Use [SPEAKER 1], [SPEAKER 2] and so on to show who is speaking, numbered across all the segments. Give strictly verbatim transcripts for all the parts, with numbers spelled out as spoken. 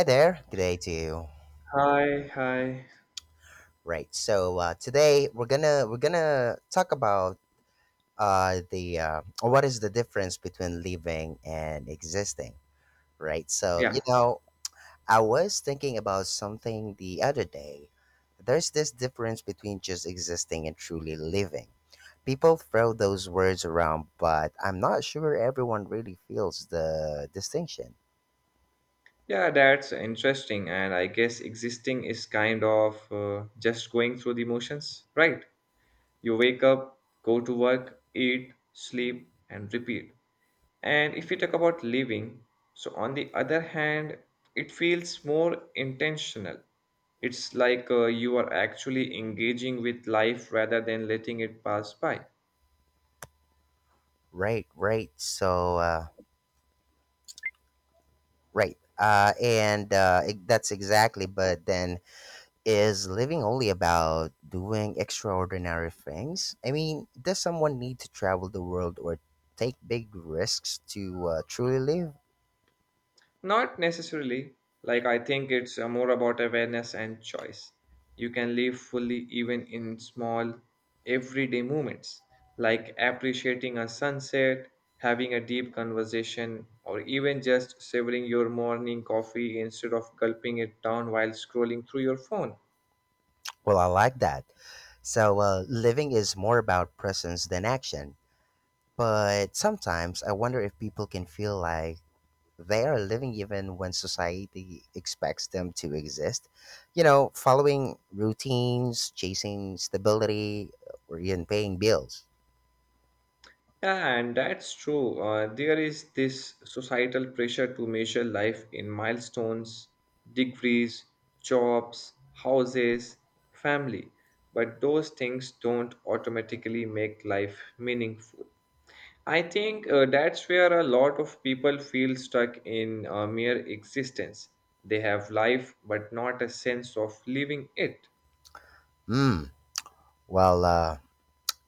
[SPEAKER 1] Hi there. Good day to you.
[SPEAKER 2] Hi, hi.
[SPEAKER 1] Right. So uh, today we're gonna we're gonna talk about uh, the uh, what is the difference between living and existing. Right. So
[SPEAKER 2] Yeah,
[SPEAKER 1] you know I was thinking about something the other day. There's this difference between just existing and truly living. People throw those words around, but I'm not sure everyone really feels the distinction.
[SPEAKER 2] yeah, that's interesting. And I guess existing is kind of uh, just going through the motions, right? You wake up, go to work, eat, sleep, and repeat. And if we talk about living, so on the other hand, it feels more intentional. It's like uh, you are actually engaging with life rather than letting it pass by.
[SPEAKER 1] Right. Right. So. Uh, Right. Uh, and uh, ex- That's exactly, but then is living only about doing extraordinary things? I mean, does someone need to travel the world or take big risks to uh, truly live?
[SPEAKER 2] Not necessarily. Like, I think it's uh, more about awareness and choice. You can live fully even in small, everyday moments, like appreciating a sunset, having a deep conversation, or even just savoring your morning coffee instead of gulping it down while scrolling through your phone.
[SPEAKER 1] Well, I like that. So, uh, living is more about presence than action. But sometimes I wonder if people can feel like they are living even when society expects them to exist. You know, following routines, chasing stability, or even paying bills.
[SPEAKER 2] Yeah, and that's true. Uh, there is this societal pressure to measure life in milestones, degrees, jobs, houses, family. But those things don't automatically make life meaningful. I think uh, that's where a lot of people feel stuck in uh, mere existence. They have life, but not a sense of living it.
[SPEAKER 1] Hmm. Well, uh,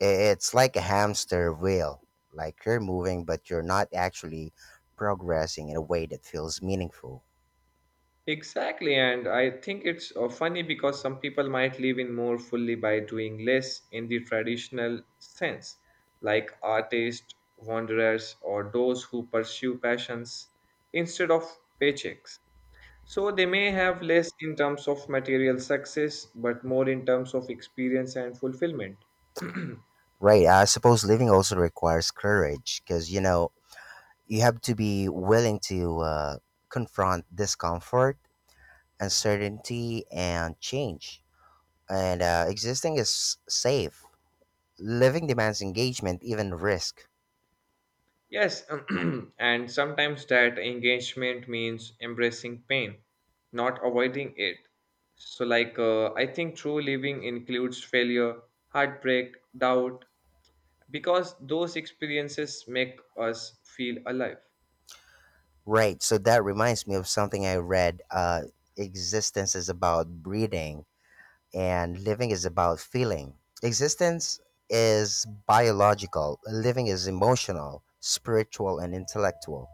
[SPEAKER 1] i- it's like a hamster wheel. Like you're moving, but you're not actually progressing in a way that feels meaningful.
[SPEAKER 2] Exactly, and I think it's uh, funny because some people might live in more fully by doing less in the traditional sense, like artists, wanderers, or those who pursue passions instead of paychecks. So they may have less in terms of material success, but more in terms of experience and fulfillment.
[SPEAKER 1] Right. I suppose living also requires courage because, you know, you have to be willing to uh, confront discomfort, uncertainty, and change. And uh, existing is safe. Living demands engagement, even risk.
[SPEAKER 2] Yes, and sometimes that engagement means embracing pain, not avoiding it. So, like, uh, I think true living includes failure, heartbreak, doubt, because those experiences make us feel alive.
[SPEAKER 1] Right. So that reminds me of something I read. Uh, existence is about breathing, and living is about feeling. Existence is biological, living is emotional, spiritual, and intellectual.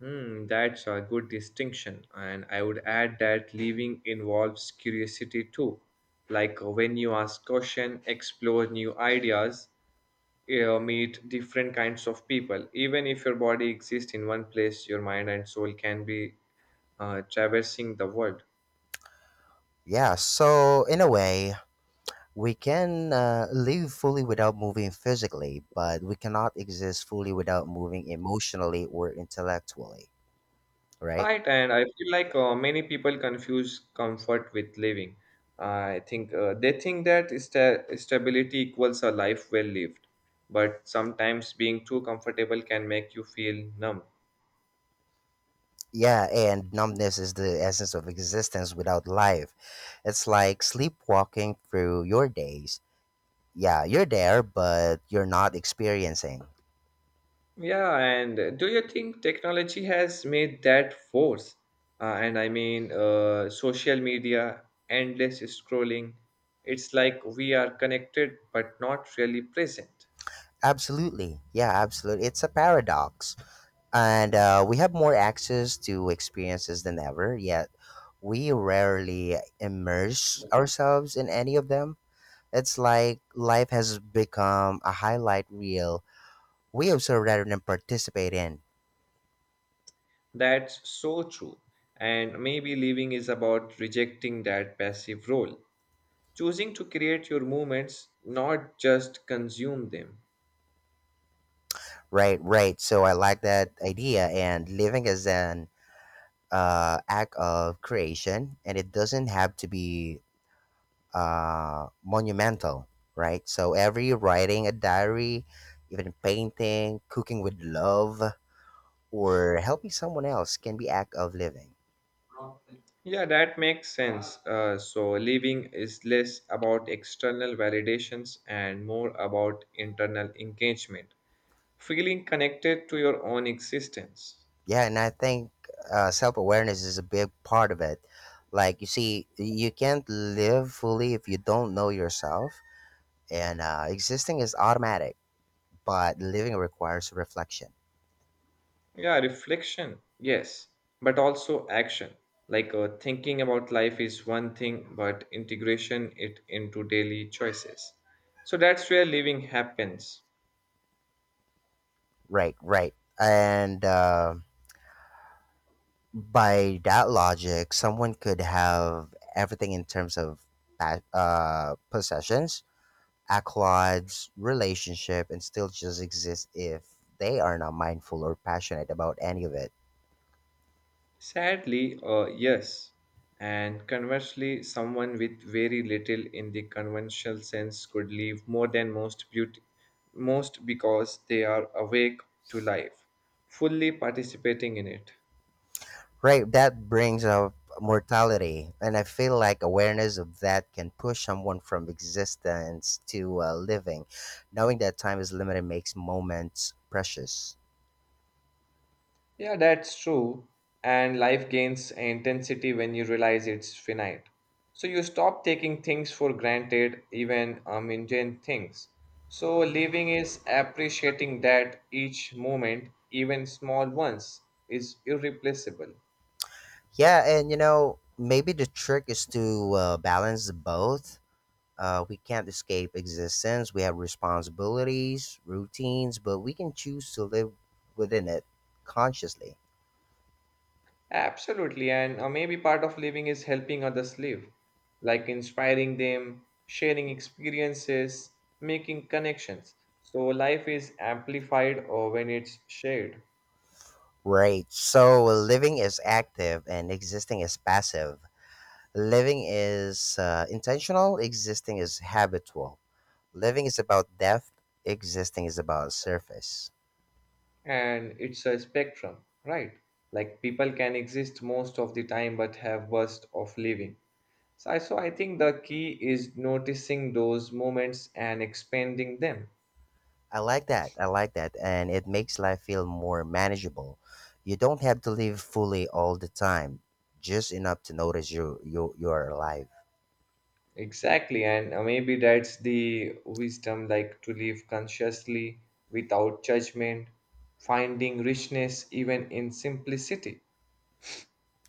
[SPEAKER 2] Hmm, that's a good distinction. And I would add that living involves curiosity too. Like uh, when you ask question, explore new ideas, uh, meet different kinds of people. Even if your body exists in one place, your mind and soul can be uh, traversing the world.
[SPEAKER 1] Yeah. So, in a way, we can uh, live fully without moving physically, but we cannot exist fully without moving emotionally or intellectually, right?
[SPEAKER 2] Right, and I feel like uh, many people confuse comfort with living. I think uh, they think that sta- stability equals a life well lived, but sometimes being too comfortable can make you feel numb.
[SPEAKER 1] Yeah, and numbness is the essence of existence without life. It's like sleepwalking through your days. Yeah, you're there, but you're not experiencing.
[SPEAKER 2] Yeah, and do you think technology has made that worse? Uh, and I mean, uh, social media, endless scrolling. It's like we are connected but not really present.
[SPEAKER 1] Absolutely. Yeah, absolutely. It's a paradox. And uh, we have more access to experiences than ever, yet we rarely immerse ourselves in any of them. It's like life has become a highlight reel we observe rather than participate in.
[SPEAKER 2] That's so true. And maybe living is about rejecting that passive role, choosing to create your moments, not just consume them.
[SPEAKER 1] Right, right. So I like that idea, and living is an uh, act of creation, and it doesn't have to be uh, monumental, right? So every writing a diary, even painting, cooking with love, or helping someone else can be act of living.
[SPEAKER 2] Yeah, that makes sense. Uh, so living is less about external validations and more about internal engagement, feeling connected to your own existence.
[SPEAKER 1] Yeah, and I think uh, self awareness is a big part of it. Like you see, you can't live fully if you don't know yourself, and uh, existing is automatic but living requires reflection.
[SPEAKER 2] Yeah, reflection, yes, but also action. Like uh, thinking about life is one thing, but integration it into daily choices. So that's where living happens.
[SPEAKER 1] Right, right. And uh, by that logic, someone could have everything in terms of pa- uh, possessions, accolades, relationship, and still just exist if they are not mindful or passionate about any of it.
[SPEAKER 2] Sadly, uh, yes. And conversely, someone with very little in the conventional sense could leave more than most beauty, most because they are awake to life, fully participating in it.
[SPEAKER 1] Right, that brings up mortality. And I feel like awareness of that can push someone from existence to uh, living. Knowing that time is limited makes moments precious.
[SPEAKER 2] Yeah, that's true. And life gains intensity when you realize it's finite. So you stop taking things for granted, even uh, mundane things. So living is appreciating that each moment, even small ones, is irreplaceable.
[SPEAKER 1] Yeah, and you know, maybe the trick is to uh, balance the both. Uh, we can't escape existence. We have responsibilities, routines, but we can choose to live within it consciously.
[SPEAKER 2] Absolutely. And uh, maybe part of living is helping others live, like inspiring them, sharing experiences, making connections. So life is amplified uh, when it's shared.
[SPEAKER 1] Right. So living is active and existing is passive. Living is uh, intentional, existing is habitual. Living is about depth, existing is about surface.
[SPEAKER 2] And it's a spectrum, right? Like people can exist most of the time but have burst of living. So I, so I think the key is noticing those moments and expanding them.
[SPEAKER 1] I like that. I like that. And it makes life feel more manageable. You don't have to live fully all the time, just enough to notice you you you are alive.
[SPEAKER 2] Exactly, and uh, maybe that's the wisdom, like to live consciously without judgment, finding richness even in simplicity.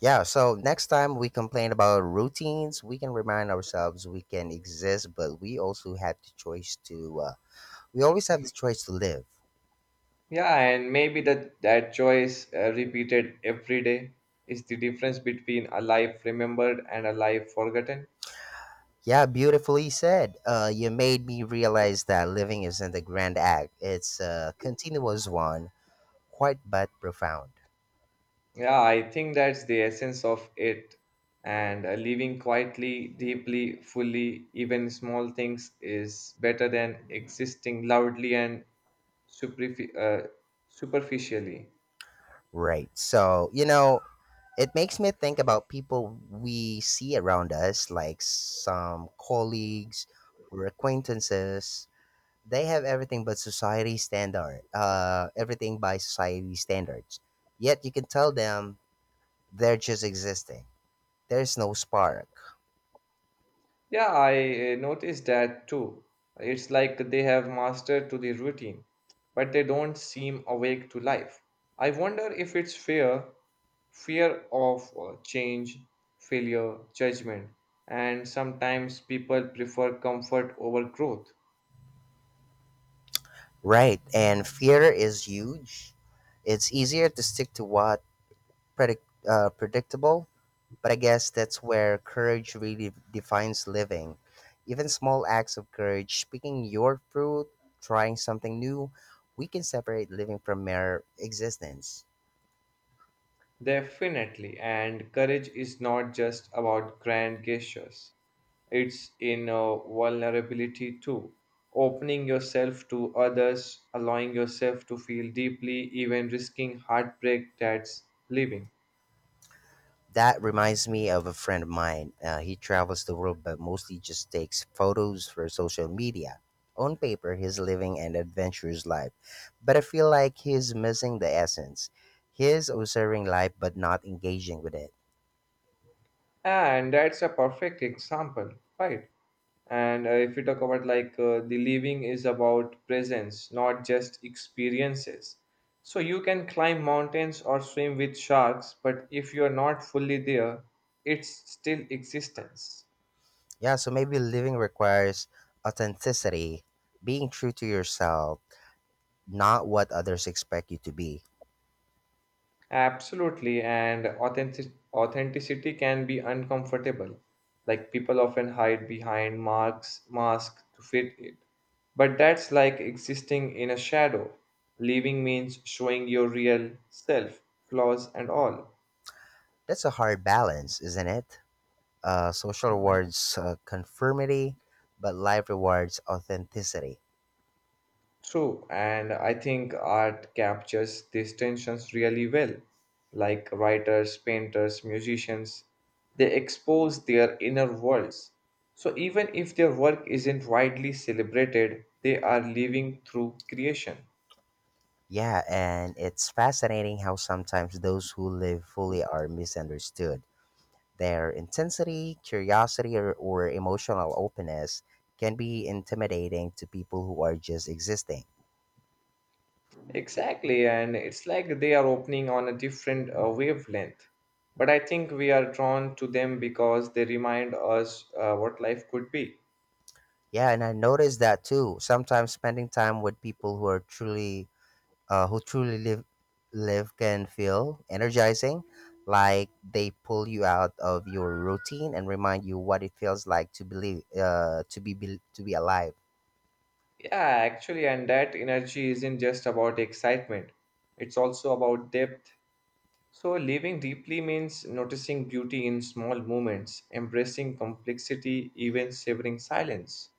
[SPEAKER 1] Yeah, so next time we complain about routines, we can remind ourselves we can exist, but we also have the choice to uh, we always have the choice to live.
[SPEAKER 2] Yeah, and maybe that that choice, uh, repeated every day, is the difference between a life remembered and a life forgotten.
[SPEAKER 1] Yeah, beautifully said. Uh, you made me realize that living isn't a grand act. It's a continuous one, quite but profound.
[SPEAKER 2] Yeah, I think that's the essence of it. And uh, living quietly, deeply, fully, even small things is better than existing loudly and superfi- uh, superficially.
[SPEAKER 1] Right. So, you know, it makes me think about people we see around us, like some colleagues or acquaintances. They have everything but society standard, uh, everything by society standards. Yet you can tell them they're just existing. There's no spark.
[SPEAKER 2] Yeah, I uh, noticed that too. It's like they have mastered to the routine, but they don't seem awake to life. I wonder if it's fear, fear of uh, change, failure, judgment, and sometimes people prefer comfort over growth.
[SPEAKER 1] Right. And fear is huge. It's easier to stick to what predict, uh, predictable. But I guess that's where courage really defines living. Even small acts of courage, picking your fruit, trying something new, we can separate living from mere existence.
[SPEAKER 2] Definitely, and courage is not just about grand gestures. It's in uh, vulnerability too. Opening yourself to others, allowing yourself to feel deeply, even risking heartbreak, that's living.
[SPEAKER 1] That reminds me of a friend of mine. Uh, he travels the world but mostly just takes photos for social media. On paper, he's living an adventurous life, but I feel like he's missing the essence. He's observing life but not engaging with it.
[SPEAKER 2] And that's a perfect example, right? And uh, if you talk about like uh, the living is about presence, not just experiences. So you can climb mountains or swim with sharks, but if you're not fully there, it's still existence.
[SPEAKER 1] Yeah, so maybe living requires authenticity, being true to yourself, not what others expect you to be.
[SPEAKER 2] Absolutely, and authentic- authenticity can be uncomfortable. Like people often hide behind marks, masks to fit it. But that's like existing in a shadow. Leaving means showing your real self, flaws and all.
[SPEAKER 1] That's a hard balance, isn't it? Uh, social rewards uh, conformity, but life rewards authenticity.
[SPEAKER 2] True, and I think art captures these tensions really well. Like writers, painters, musicians, they expose their inner worlds. So even if their work isn't widely celebrated, they are living through creation.
[SPEAKER 1] Yeah, and it's fascinating how sometimes those who live fully are misunderstood. Their intensity, curiosity, or, or emotional openness can be intimidating to people who are just existing.
[SPEAKER 2] Exactly, and it's like they are opening on a different uh, wavelength. But I think we are drawn to them because they remind us uh, what life could be.
[SPEAKER 1] Yeah, and I noticed that too. Sometimes spending time with people who are truly uh, who truly live live can feel energizing, like they pull you out of your routine and remind you what it feels like to believe uh, to be, be to be alive.
[SPEAKER 2] Yeah, actually, and that energy isn't just about excitement, it's also about depth. So, living deeply means noticing beauty in small moments, embracing complexity, even savoring silence.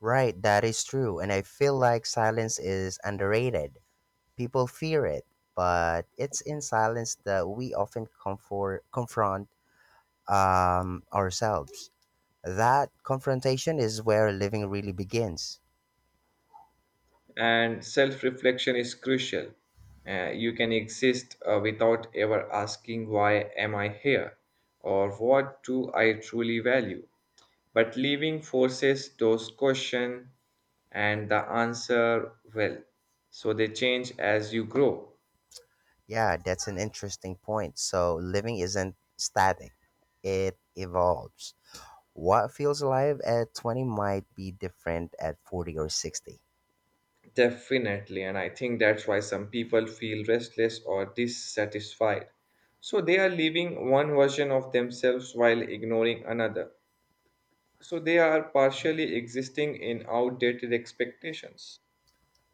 [SPEAKER 1] Right, that is true, and I feel like silence is underrated. People fear it, but it's in silence that we often comfort confront um, ourselves. That confrontation is where living really begins.
[SPEAKER 2] And self reflection is crucial. Uh, you can exist uh, without ever asking, "Why am I here?" or "What do I truly value?" But leaving forces those questions, and the answer will, so they change as you grow.
[SPEAKER 1] Yeah, that's an interesting point. So living isn't static, it evolves. What feels alive at twenty might be different at forty or sixty.
[SPEAKER 2] Definitely, and I think that's why some people feel restless or dissatisfied. So they are leaving one version of themselves while ignoring another. So they are partially existing in outdated expectations.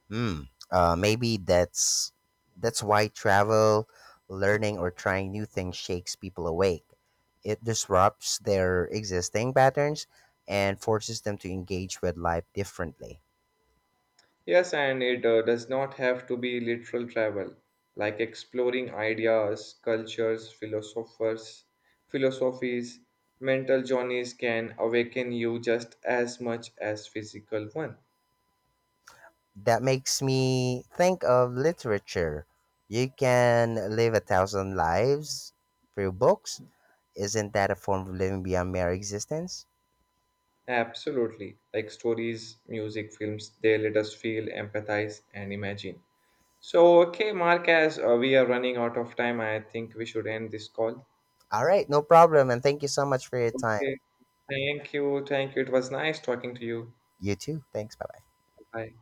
[SPEAKER 1] Hmm. Uh, maybe that's that's why travel, learning or trying new things shakes people awake. It disrupts their existing patterns and forces them to engage with life differently.
[SPEAKER 2] Yes, and it uh, does not have to be literal travel, like exploring ideas, cultures, philosophers, philosophies, mental journeys can awaken you just as much as physical one.
[SPEAKER 1] That makes me think of literature. You can live a thousand lives through books. Isn't that a form of living beyond mere existence?
[SPEAKER 2] Absolutely. Like stories, music, films, they let us feel, empathize, and imagine. So, okay, Mark, as uh, we are running out of time, I think we should end this call.
[SPEAKER 1] All right, no problem. And thank you so much for your time.
[SPEAKER 2] Okay. Thank you. Thank you. It was nice talking to you.
[SPEAKER 1] You too. Thanks. Bye bye.
[SPEAKER 2] Bye.